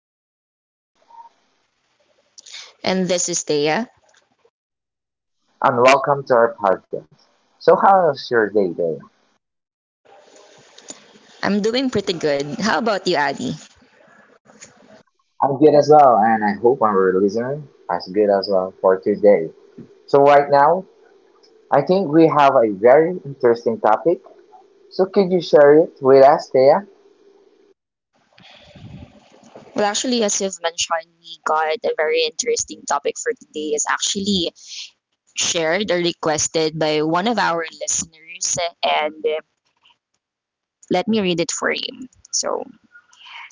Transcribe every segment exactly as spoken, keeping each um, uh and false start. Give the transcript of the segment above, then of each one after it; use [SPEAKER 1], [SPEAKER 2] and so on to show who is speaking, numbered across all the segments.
[SPEAKER 1] This is Adi,
[SPEAKER 2] And this is Thea.
[SPEAKER 1] and welcome to our podcast. So, how's your day going?
[SPEAKER 2] I'm doing pretty good. How about you, Adi?
[SPEAKER 1] I'm good as well, and I hope our listeners as good as well for today. So, right now, I think we have a very interesting topic. So, can you share it with us, Thea?
[SPEAKER 2] Well, actually, as you've mentioned, we got a very interesting topic for today. It's actually shared or requested by one of our listeners, and uh, let me read it for you. So, it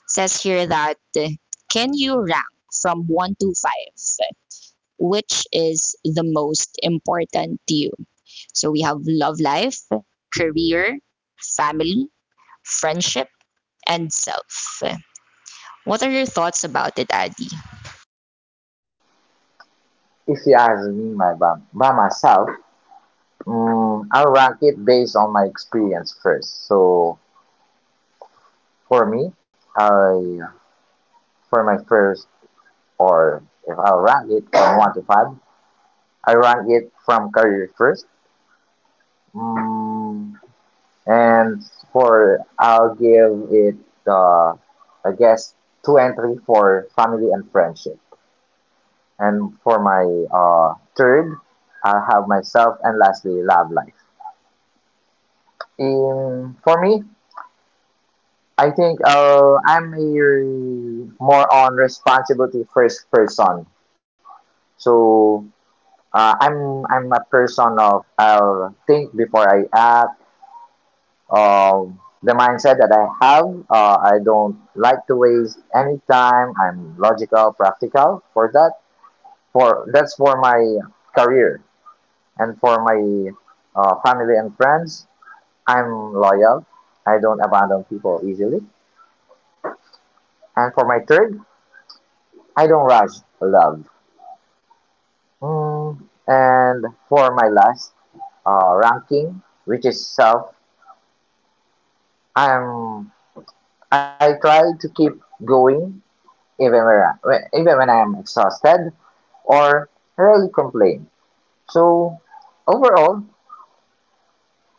[SPEAKER 2] says here that uh, can you rank from one to five which is the most important to you? So, we have love life, career, family, friendship, and self. What are your thoughts about it, Adi?
[SPEAKER 1] If you ask me my, by, by myself, mm, I'll rank it based on my experience first. So, for me, I for my first, or if I'll rank it from one to five, I rank it from career first. Mm, and for I'll give it uh, I guess two and three for family and friendship. And for my uh, third, I'll have myself and lastly love life. In for me, I think uh, I'm a more on responsibility first person. So uh, I'm I'm a person of I'll think before I act. Um, the mindset that I have. Uh, I don't like to waste any time. I'm logical, practical for that. For that's for my career and for my uh, family and friends. I'm loyal. I don't abandon people easily. And for my third, I don't rush love. Mm, and for my last uh, ranking, which is self, I'm I try to keep going even when, even when I am exhausted or really complain. So overall,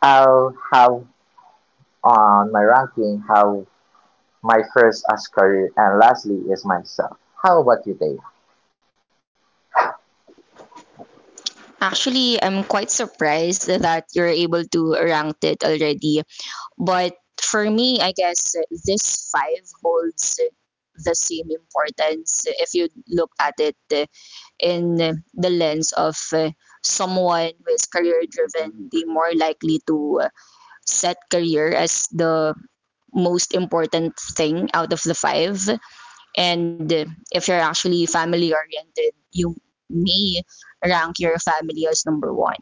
[SPEAKER 1] I'll have on my ranking how my first as career and lastly is myself. How about you, Dave?
[SPEAKER 2] Actually, I'm quite surprised that you're able to rank it already. But for me, I guess this five holds the same importance if you look at it in the lens of someone who is career driven, they more likely to set career as the most important thing out of the five. And uh, if you're actually family oriented, you may rank your family as number one.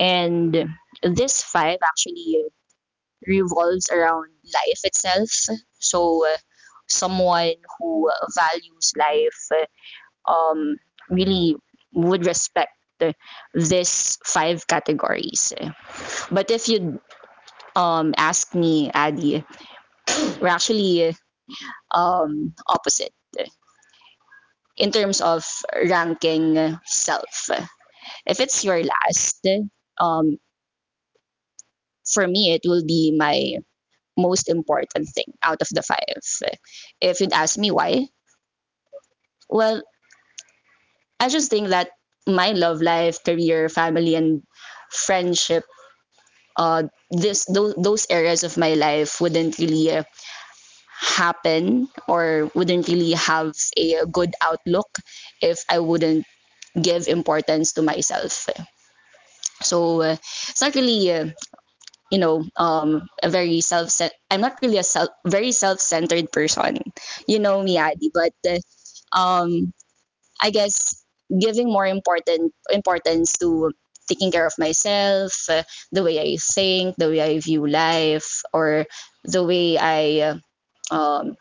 [SPEAKER 2] And this five actually revolves around life itself. So, uh, someone who values life um, really would respect this five categories. But if you um, ask me, Adi, we're actually um, opposite in terms of ranking self. If it's your last, um, for me, it will be my most important thing out of the five. If you'd ask me why, well, I just think that my love life, career, family, and friendship, uh, this those, those areas of my life wouldn't really happen or wouldn't really have a good outlook if I wouldn't give importance to myself. So uh, it's not really uh, you know um a very self I'm not really a self very self-centered person. You know me, Adi, but uh, um I guess giving more important importance to taking care of myself, uh, the way I think, the way I view life, or the way I uh, um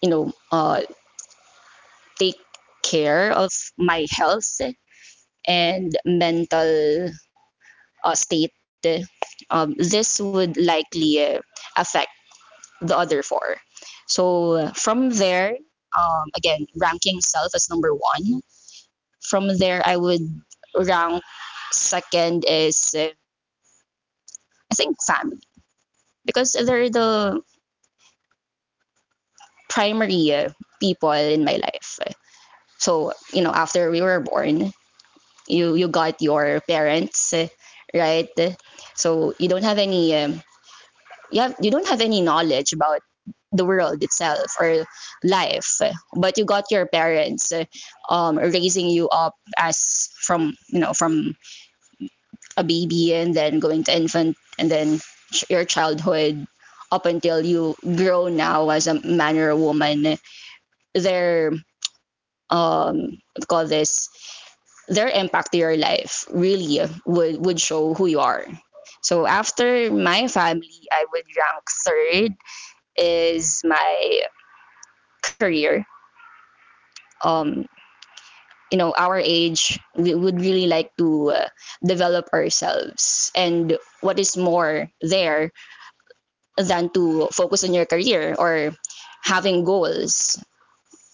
[SPEAKER 2] you know uh take care of my health and mental uh, state. Um, this would likely uh, affect the other four. So uh, from there, um, again, ranking self as number one. From there, I would rank second is uh, I think family, because they're the primary uh, people in my life. So you know, after we were born, you you got your parents, right? So you don't have any um, you have you don't have any knowledge about the world itself or life, but you got your parents uh, um, raising you up as from you know from a baby and then going to infant and then your childhood, up until you grow now as a man or a woman, their, um call this, their impact to your life really would would show who you are. So after my family, I would rank third is my career. Um, you know, our age, we would really like to uh, develop ourselves. And what is more there than to focus on your career or having goals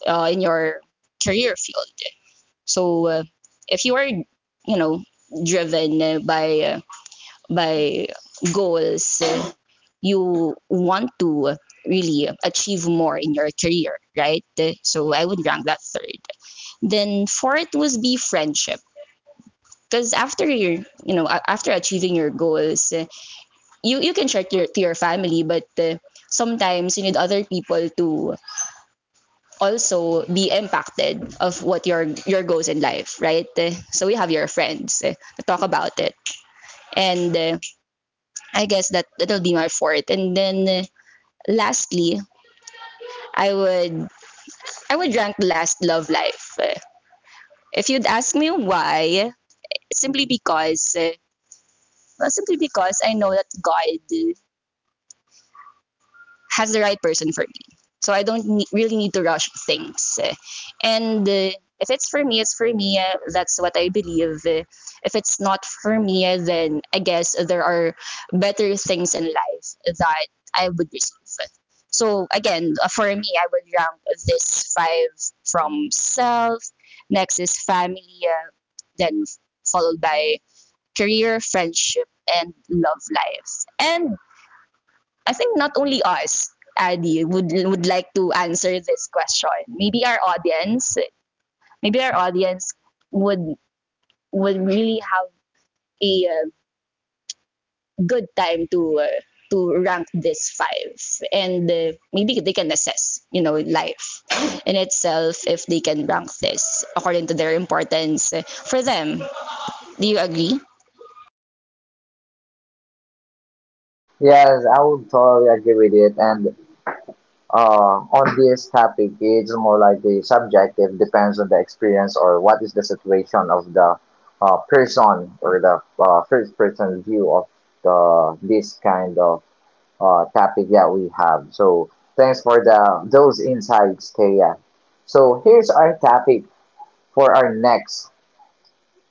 [SPEAKER 2] uh, in your career field? So, uh, if you are, you know, driven by uh, by goals, you want to really achieve more in your career, right? So I would rank that third. Then fourth was be friendship. Because after your, you know, after achieving your goals, uh, you you can share to your, to your family, but uh, sometimes you need other people to also be impacted of what your your goals in life, right? Uh, so we have your friends uh, to talk about it, and uh, I guess that that'll be my fourth. And then uh, lastly, I would I would rank last love life. Uh, if you'd ask me why, simply because uh, well, simply because I know that God has the right person for me. So I don't ne- really need to rush things. And uh, if it's for me, it's for me. Uh, that's what I believe. Uh, If it's not for me, uh, then I guess there are better things in life that I would receive. So again, uh, for me, I would rank this five from self. Next is family, uh, then followed by career, friendship, and love life. And I think not only us, Adi, would would like to answer this question. Maybe our audience, maybe our audience would would really have a uh, good time to uh, to rank these five, and uh, maybe they can assess, you know, life in itself if they can rank this according to their importance uh, for them. Do you agree?
[SPEAKER 1] Yes, I would totally agree with it. And uh, on this topic, it's more like the subjective depends on the experience or what is the situation of the uh, person or the uh, first person view of the this kind of uh, topic that we have. So thanks for the those insights, Kaya. So here's our topic for our next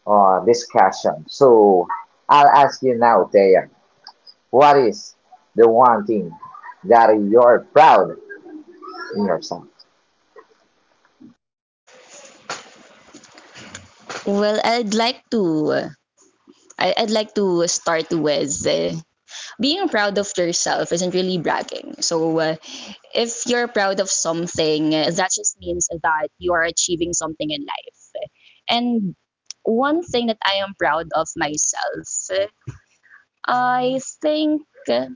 [SPEAKER 1] uh, discussion. So I'll ask you now, Kaya, what is the one thing that you're proud in yourself?
[SPEAKER 2] Well, I'd like to. I- I'd like to start with uh, being proud of yourself isn't really bragging. So, uh, if you're proud of something, uh, that just means that you are achieving something in life. And one thing that I am proud of myself, uh, I think uh,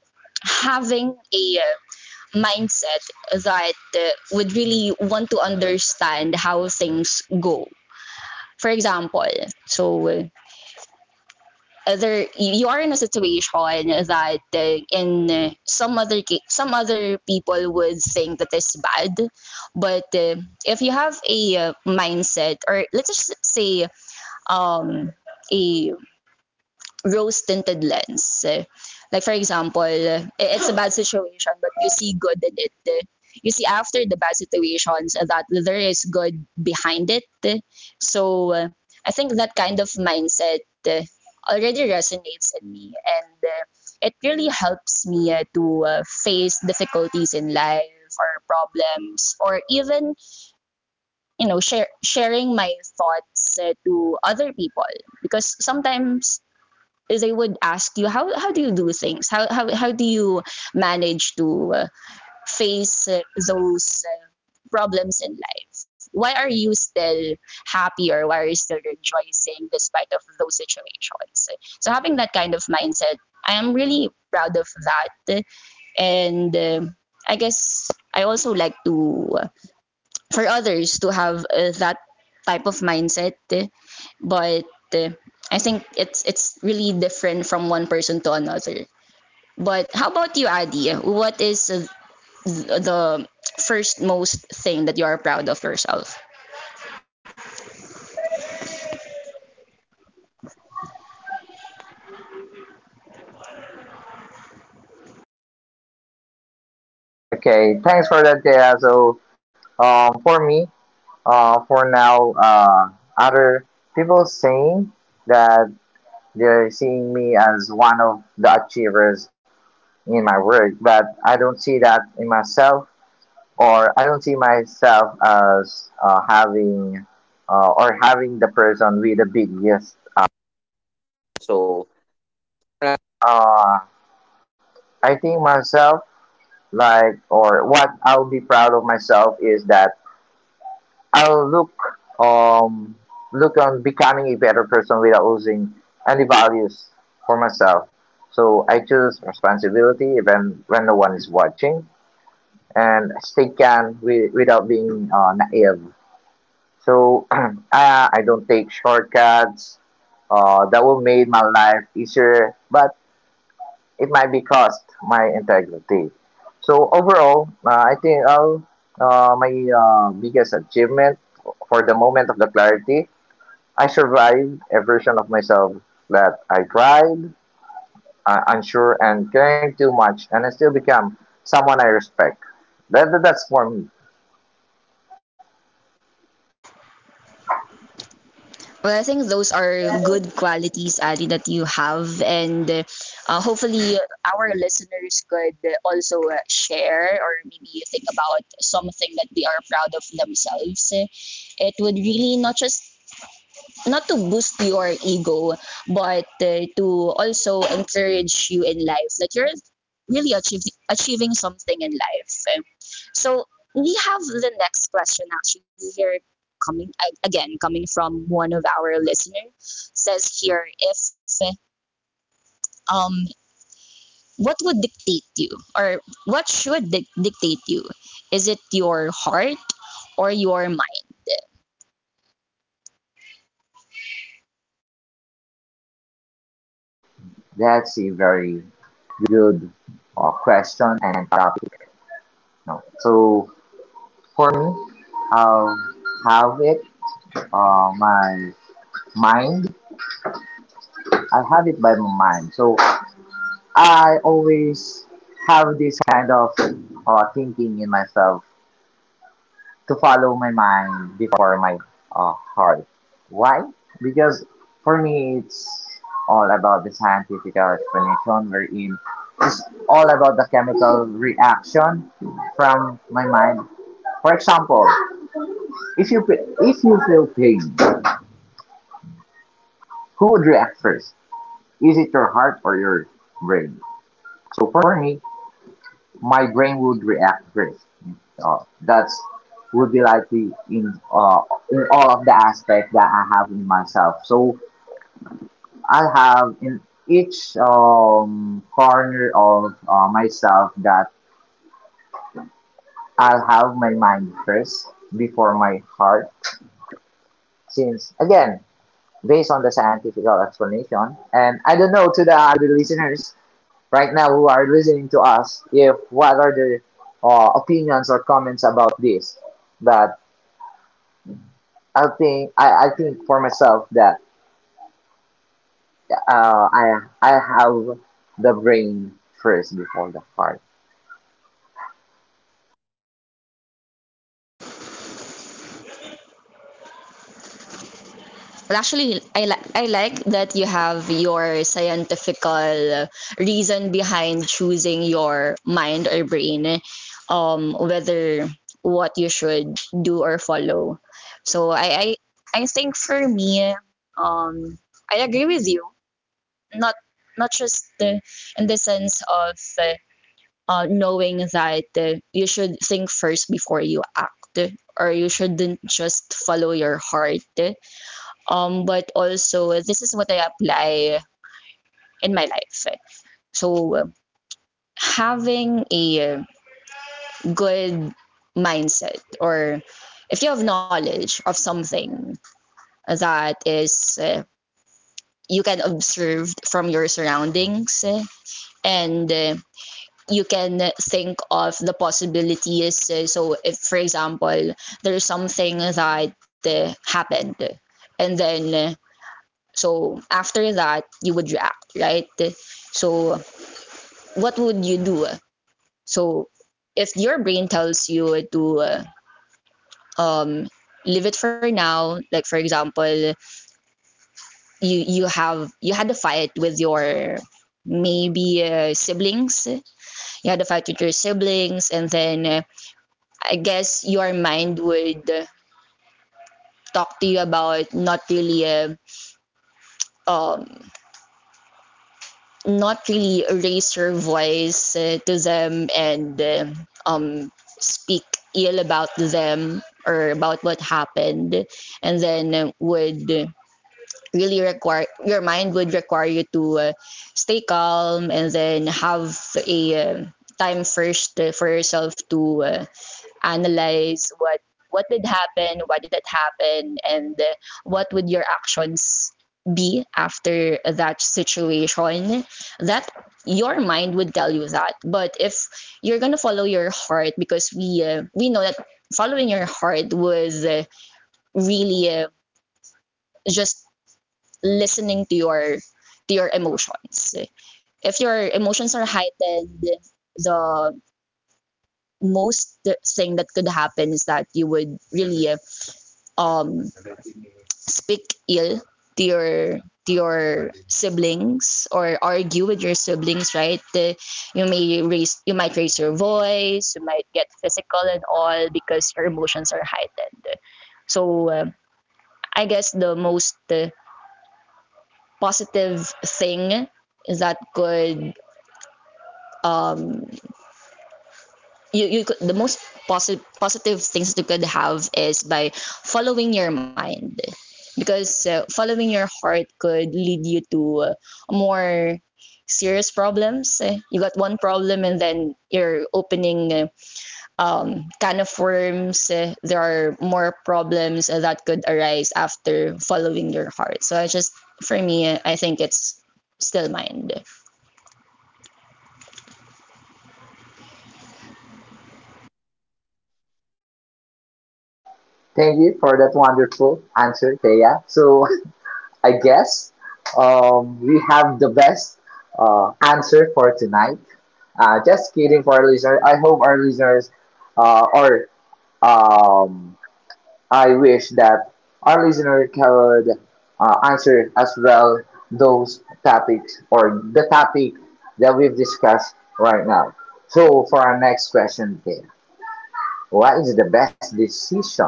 [SPEAKER 2] having a uh, mindset that uh, would really want to understand how things go. For example, so uh, other you are in a situation that uh, in uh, some other some other people would think that is bad, but uh, if you have a uh, mindset, or let's just say um a rose tinted lens. Eh, Like, for example, eh, it's a bad situation, but you see good in it. eh. You see after the bad situations eh, that there is good behind it. eh. So, eh, I think that kind of mindset eh, already resonates in me, and eh, it really helps me eh, to eh, face difficulties in life. Or problems, or even you know, share, sharing my thoughts eh, to other people, because sometimes they would ask you, how how do you do things, how how how do you manage to uh, face uh, those uh, problems in life? Why are you still happy or why are you still rejoicing despite of those situations? So having that kind of mindset, I am really proud of that. And uh, I guess I also like to, uh, for others to have uh, that type of mindset eh. But eh, I think it's it's really different from one person to another. But how about you, Adi? What is uh, th- the first most thing that you are proud of yourself?
[SPEAKER 1] Okay, thanks for that, Kaya. So um, for me, uh, for now, uh, other people saying that they're seeing me as one of the achievers in my work, but I don't see that in myself, or I don't see myself as uh, having uh, or having the person with the biggest. Uh, So, uh, I think myself like or what I'll be proud of myself is that I'll look um look on becoming a better person without losing any values for myself. So I choose responsibility even when no one is watching. And stay calm wi- without being uh, naive. So I, I don't take shortcuts uh, that will make my life easier, but it might be cost my integrity. So overall, uh, I think all uh, my uh, biggest achievement for the moment of the clarity, I survived a version of myself that I tried, uh, unsure, and caring too much, and I still become someone I respect. That, that's for me.
[SPEAKER 2] Well, I think those are good qualities, Adi, that you have. And uh, uh, hopefully our listeners could uh, also uh, share, or maybe think about something that they are proud of themselves eh It would really, not just, not to boost your ego, but uh, to also encourage you in life that you're really achieving achieving something in life. So we have the next question, actually, here, coming a- again coming from one of our listener. Says here, if um what would dictate you, or what should dic- dictate you? Is it your heart or your...
[SPEAKER 1] Oh, that's a very good uh, question and topic. No. So for me, I'll have it uh, my mind. I have it by my mind. So I always have this kind of uh, thinking in myself. To follow my mind before my uh, heart. Why? Because for me, it's all about the scientific explanation wherein it's all about the chemical reaction from my mind. For example, if you pe- if you feel pain, who would react first? Is it your heart or your brain? So for me, my brain would react first. So that's would be likely in uh, in all of the aspect that I have in myself. So I'll have in each um, corner of uh, myself that I'll have my mind first before my heart. Since again, based on the scientific explanation, and I don't know to the other listeners right now who are listening to us if what are their uh, opinions or comments about this. But I think I, I think for myself that uh, I I have the brain first before the heart.
[SPEAKER 2] Well, actually, I, like I like that you have your scientifical reason behind choosing your mind or brain, um, whether what you should do or follow. So I, I, I think, for me, um, I agree with you. Not not just uh, in the sense of uh, uh, knowing that uh, you should think first before you act, or you shouldn't just follow your heart, um, but also this is what I apply in my life. So having a good mindset, or if you have knowledge of something that is, uh, you can observe from your surroundings, and uh, you can think of the possibilities. So if, for example, there's something that uh, happened, and then uh, so after that, you would react, right? So what would you do? So if your brain tells you to uh, um, leave it for now, like, for example, you you have you had a fight with your, maybe, uh, siblings, you had a fight with your siblings, and then uh, I guess your mind would talk to you about not really uh, um, not really raise your voice uh, to them, and uh, um, speak ill about them or about what happened. And then, uh, would really require, your mind would require you to uh, stay calm, and then have a uh, time first uh, for yourself to uh, analyze what what did happen, why did it happen, and uh, what would your actions be after that situation, that your mind would tell you that. But if you're gonna follow your heart, because we uh, we know that following your heart was uh, really uh, just listening to your to your emotions. If your emotions are heightened, the most thing that could happen is that you would really uh, um speak ill to your to your siblings, or argue with your siblings, right, the, you may raise you might raise your voice, you might get physical and all, because your emotions are heightened. So uh, I guess, the most uh, positive thing that could, um, you, you could, the most positive positive things that you could have is by following your mind. Because uh, following your heart could lead you to uh, more serious problems eh. You got one problem, and then you're opening, eh, um, can of worms eh. There are more problems eh, that could arise after following your heart. So i just, for me eh, I think it's still mind.
[SPEAKER 1] Thank you for that wonderful answer, Thea. So I guess um, we have the best uh, answer for tonight. Uh, just kidding for our listeners. I hope our listeners uh, or um, I wish that our listener could uh, answer as well those topics or the topic that we've discussed right now. So, for our next question, Kay, what is the best decision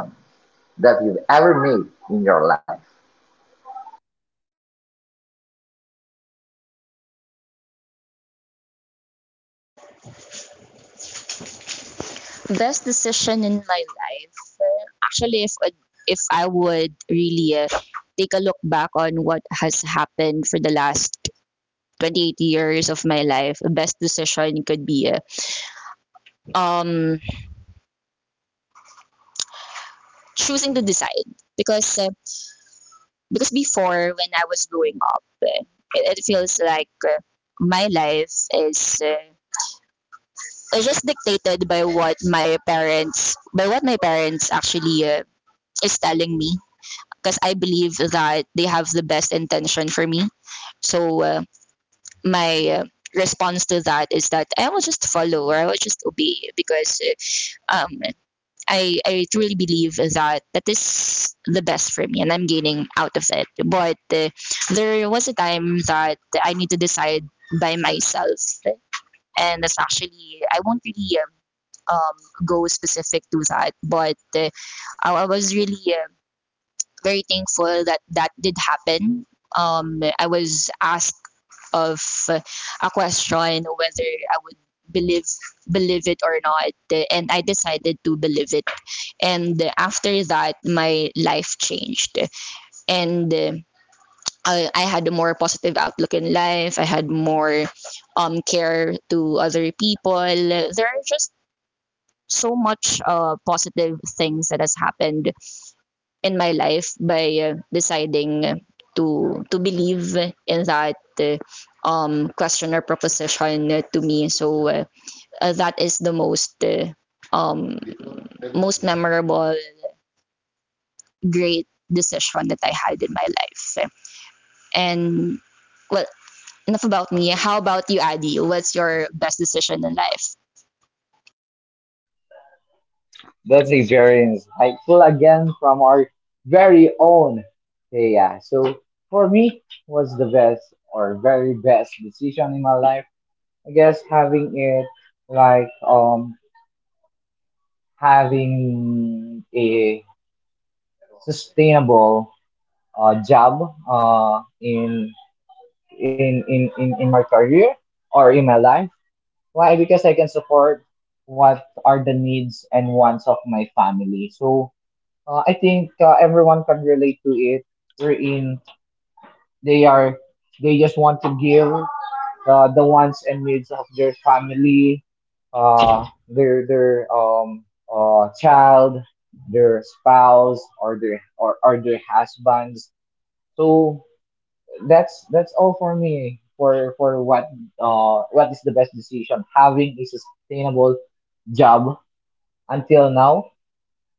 [SPEAKER 1] that you've ever made in your life?
[SPEAKER 2] Best decision in my life? uh, Actually, if if I would really uh, take a look back on what has happened for the last twenty-eight years of my life, the best decision could be uh, um choosing to decide. Because uh, because before when I was growing up, uh, it, it feels like uh, my life is uh, is just dictated by what my parents by what my parents actually uh, is telling me, because I believe that they have the best intention for me. So uh, my uh, response to that is that I will just follow, or I will just obey, because uh, um, I, I truly believe that that is the best for me and I'm gaining out of it. But uh, there was a time that I need to decide by myself, and that's actually, I won't really. Um, um, go specific to that, but uh, I, was really uh, very thankful that that did happen. Um, I was asked of uh, a question whether I would believe believe it or not, and I decided to believe it. And after that my life changed, and uh, I, I had a more positive outlook in life. I had more um care to other people. There are just so much uh, positive things that has happened in my life by uh, deciding to to believe in that uh, um question or proposition uh, to me. So uh, uh, that is the most uh, um most memorable great decision that I had in my life. And, well, enough about me. How about you, Adi? What's your best decision in life?
[SPEAKER 3] That's a very insightful again from our very own Thea. So for me, was the best or very best decision in my life. I guess having it like um having a sustainable uh, job uh in in, in in in my career or in my life. Why? Because I can support what are the needs and wants of my family. So Uh, I think uh, everyone can relate to it. Wherein they are, they just want to give uh, the wants and needs of their family, uh, their their um uh child, their spouse, or their or, or their husbands. So that's that's all for me for for what uh what is the best decision, having a sustainable job until now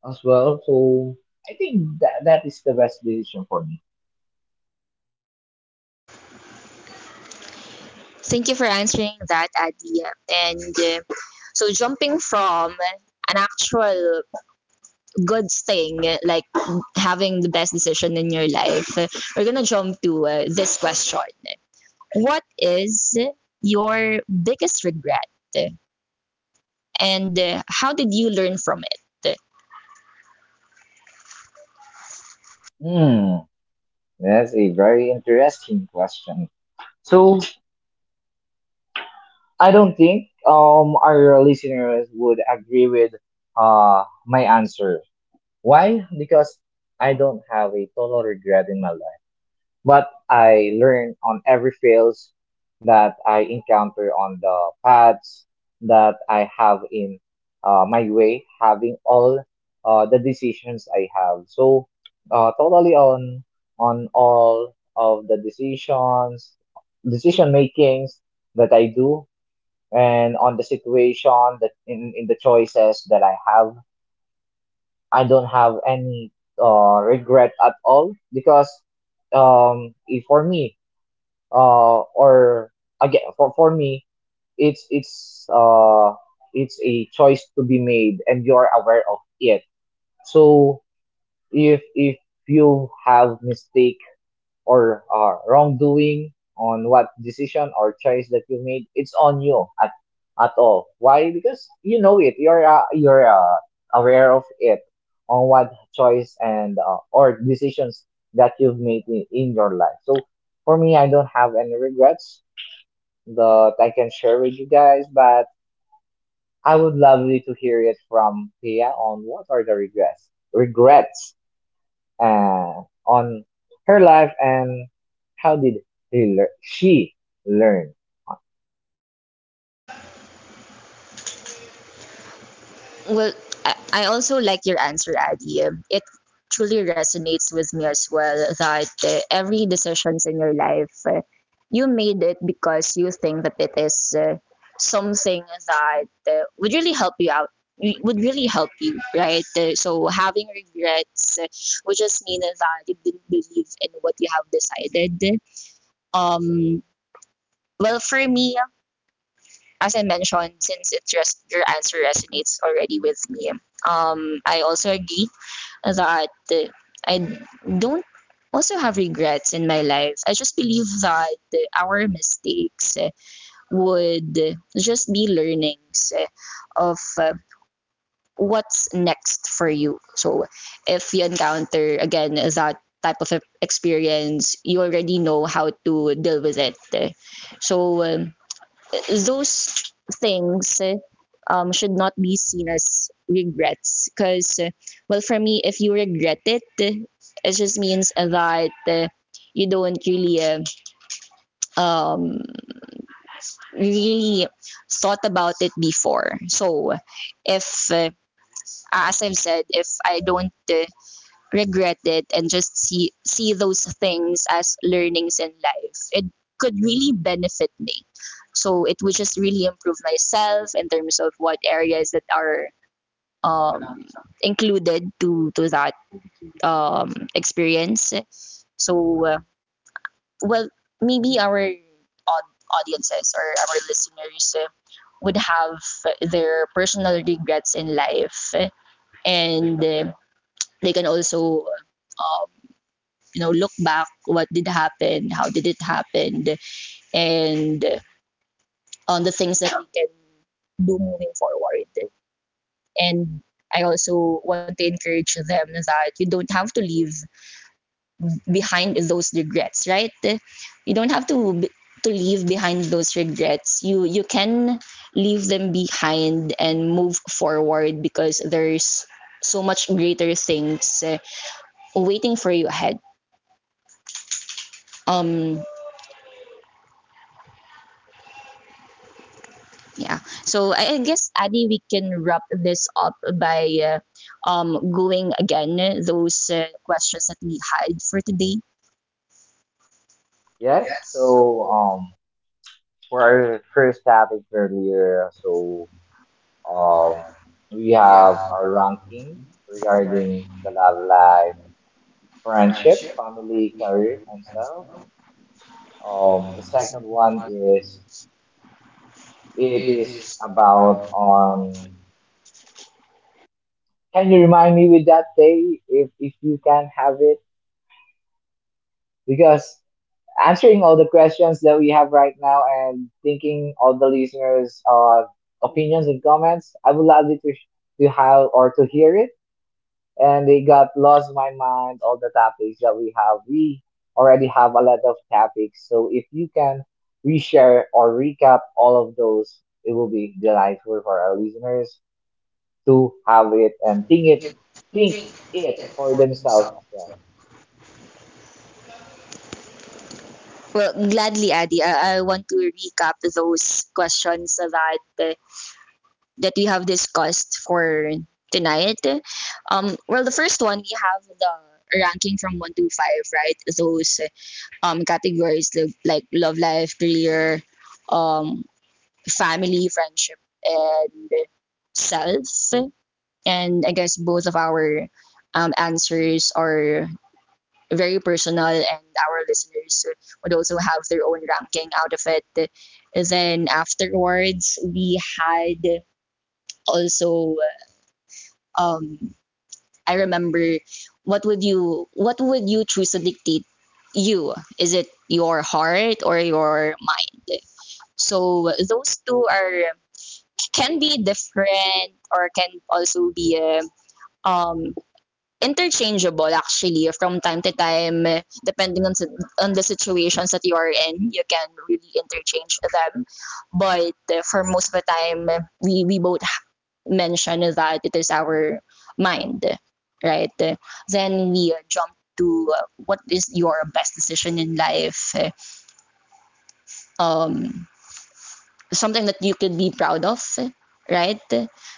[SPEAKER 3] as well. So I think that that is the best decision for me.
[SPEAKER 2] Thank you for answering that, Adi. And uh, So jumping from an actual good thing, like having the best decision in your life, we're gonna jump to uh, this question. What is your biggest regret, and uh, how did you learn from it?
[SPEAKER 3] Hmm, that's a very interesting question. So I don't think um our listeners would agree with uh my answer. Why? Because I don't have a total regret in my life, but I learn on every fails that I encounter on the paths that I have in uh, my way, having all uh, the decisions I have. So uh, totally on on all of the decisions, decision makings that I do, and on the situation that in, in the choices that I have, I don't have any uh, regret at all because um, if for me uh or again for for me it's it's uh it's a choice to be made and you're aware of it. So if if you have mistake or uh, wrongdoing on what decision or choice that you made, it's on you at at all. Why? Because you know it, you're uh, you're uh, aware of it on what choice and uh, or decisions that you've made in, in your life. So for me, I don't have any regrets that I can share with you guys, but I would lovely to hear it from Pia on what are the regrets, regrets uh, on her life and how did he lear- she learn.
[SPEAKER 2] Well, I, I also like your answer, Adi. Um, It truly resonates with me as well that uh, every decisions in your life, uh, you made it because you think that it is uh, something that uh, would really help you out. w- Would really help you, right? Uh, so having regrets uh, would just mean that you didn't believe in what you have decided. Um, well, for me, as I mentioned, since it's just your answer resonates already with me, um, I also agree that uh, I don't also have regrets in my life. I just believe that our mistakes uh, would just be learnings uh, of uh, what's next for you. So if you encounter again that type of e- experience, you already know how to deal with it. So um, those things um, should not be seen as regrets, because, well, for me, if you regret it, it just means that uh, you don't really uh, um, really thought about it before. So if uh, as I've said, if I don't uh, regret it and just see see those things as learnings in life, it could really benefit me. So it would just really improve myself in terms of what areas that are um, included to to that um, experience. So uh, well, maybe our aud- audiences or our listeners uh, would have their personal regrets in life, and uh, they can also uh, you know, look back, what did happen, how did it happen, and on the things that we can do moving forward. And I also want to encourage them that you don't have to leave behind those regrets, right? You don't have to to leave behind those regrets. You you can leave them behind and move forward because there's so much greater things uh, waiting for you ahead. Um, Yeah. So I, I guess, Adi, we can wrap this up by uh, um going again those uh, questions that we had for today.
[SPEAKER 3] Yes, so um, for our first topic earlier, so um, we have our ranking regarding the love life, friendship, family, career, and self. Um, the second one is, it is about um. Can you remind me with that day if if you can have it? Because answering all the questions that we have right now and thinking all the listeners' uh opinions and comments, I would love it to to have or to hear it. And they got lost in my mind, all the topics that we have. We already have a lot of topics, so if you can reshare or recap all of those, it will be delightful for our listeners to have it and think it, think it for themselves as well.
[SPEAKER 2] Well, gladly, Adi, I, I, want to recap those questions that uh, that we have discussed for tonight. Um, well, the first one we have the ranking from one to five, right? Those uh, um categories, like like love life, career, um, family, friendship, and self. And I guess both of our um, answers are very personal, and our listeners would also have their own ranking out of it. Then afterwards, we had also um, I remember, what would you what would you choose to dictate you? Is it your heart or your mind? So those two are, can be different, or can also be uh, um interchangeable, actually, from time to time eh, depending on si- on the situations that you are in. You can really interchange them, but eh, for most of the time eh, we we both mention that it is our mind, right? Then we eh, jump to eh, what is your best decision in life eh, um, something that you could be proud of, right?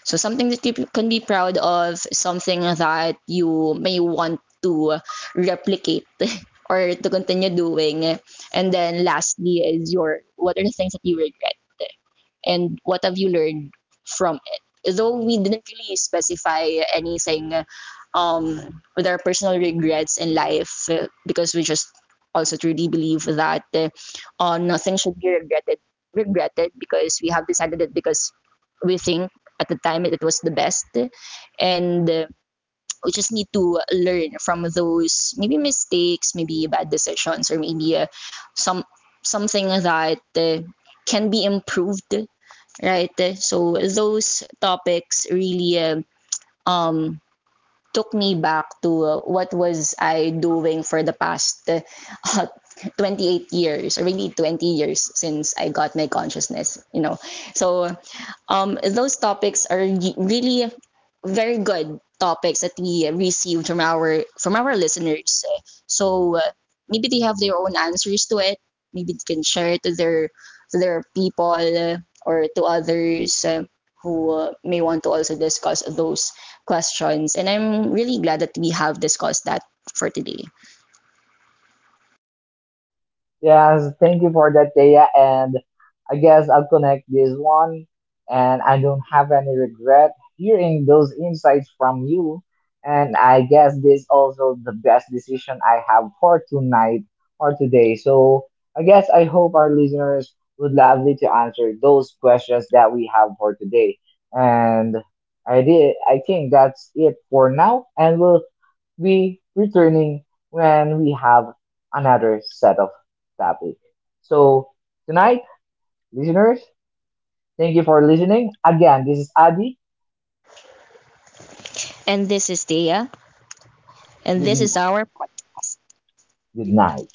[SPEAKER 2] So something that you can be proud of, something that you may want to replicate or to continue doing. And then lastly is your, what are the things that you regret, and what have you learned from it? Though we didn't really specify anything um, with our personal regrets in life uh, because we just also truly believe that uh, uh, nothing should be regretted regretted because we have decided it, because we think at the time it was the best. And uh, we just need to learn from those, maybe mistakes, maybe bad decisions, or maybe uh, some, something that uh, can be improved, right? So those topics really um, um took me back to uh, what was I doing for the past uh, twenty-eight years, or maybe twenty years, since I got my consciousness, you know. So um, those topics are really very good topics that we received from our from our listeners eh. So uh, maybe they have their own answers to it. Maybe they can share it to their, to their people uh, or to others uh, who uh, may want to also discuss those questions. And I'm really glad that we have discussed that for today.
[SPEAKER 3] Yes, thank you for that, Thea. And I guess I'll connect this one. And I don't have any regret hearing those insights from you. And I guess this also the best decision I have for tonight or today. So I guess I hope our listeners would love me to answer those questions that we have for today. And I did. I think that's it for now, and we'll we returning when we have another set of topic. So tonight, listeners, thank you for listening. Again, this is Adi.
[SPEAKER 2] And this is Thea, and this
[SPEAKER 3] Good
[SPEAKER 2] is our podcast.
[SPEAKER 3] good night.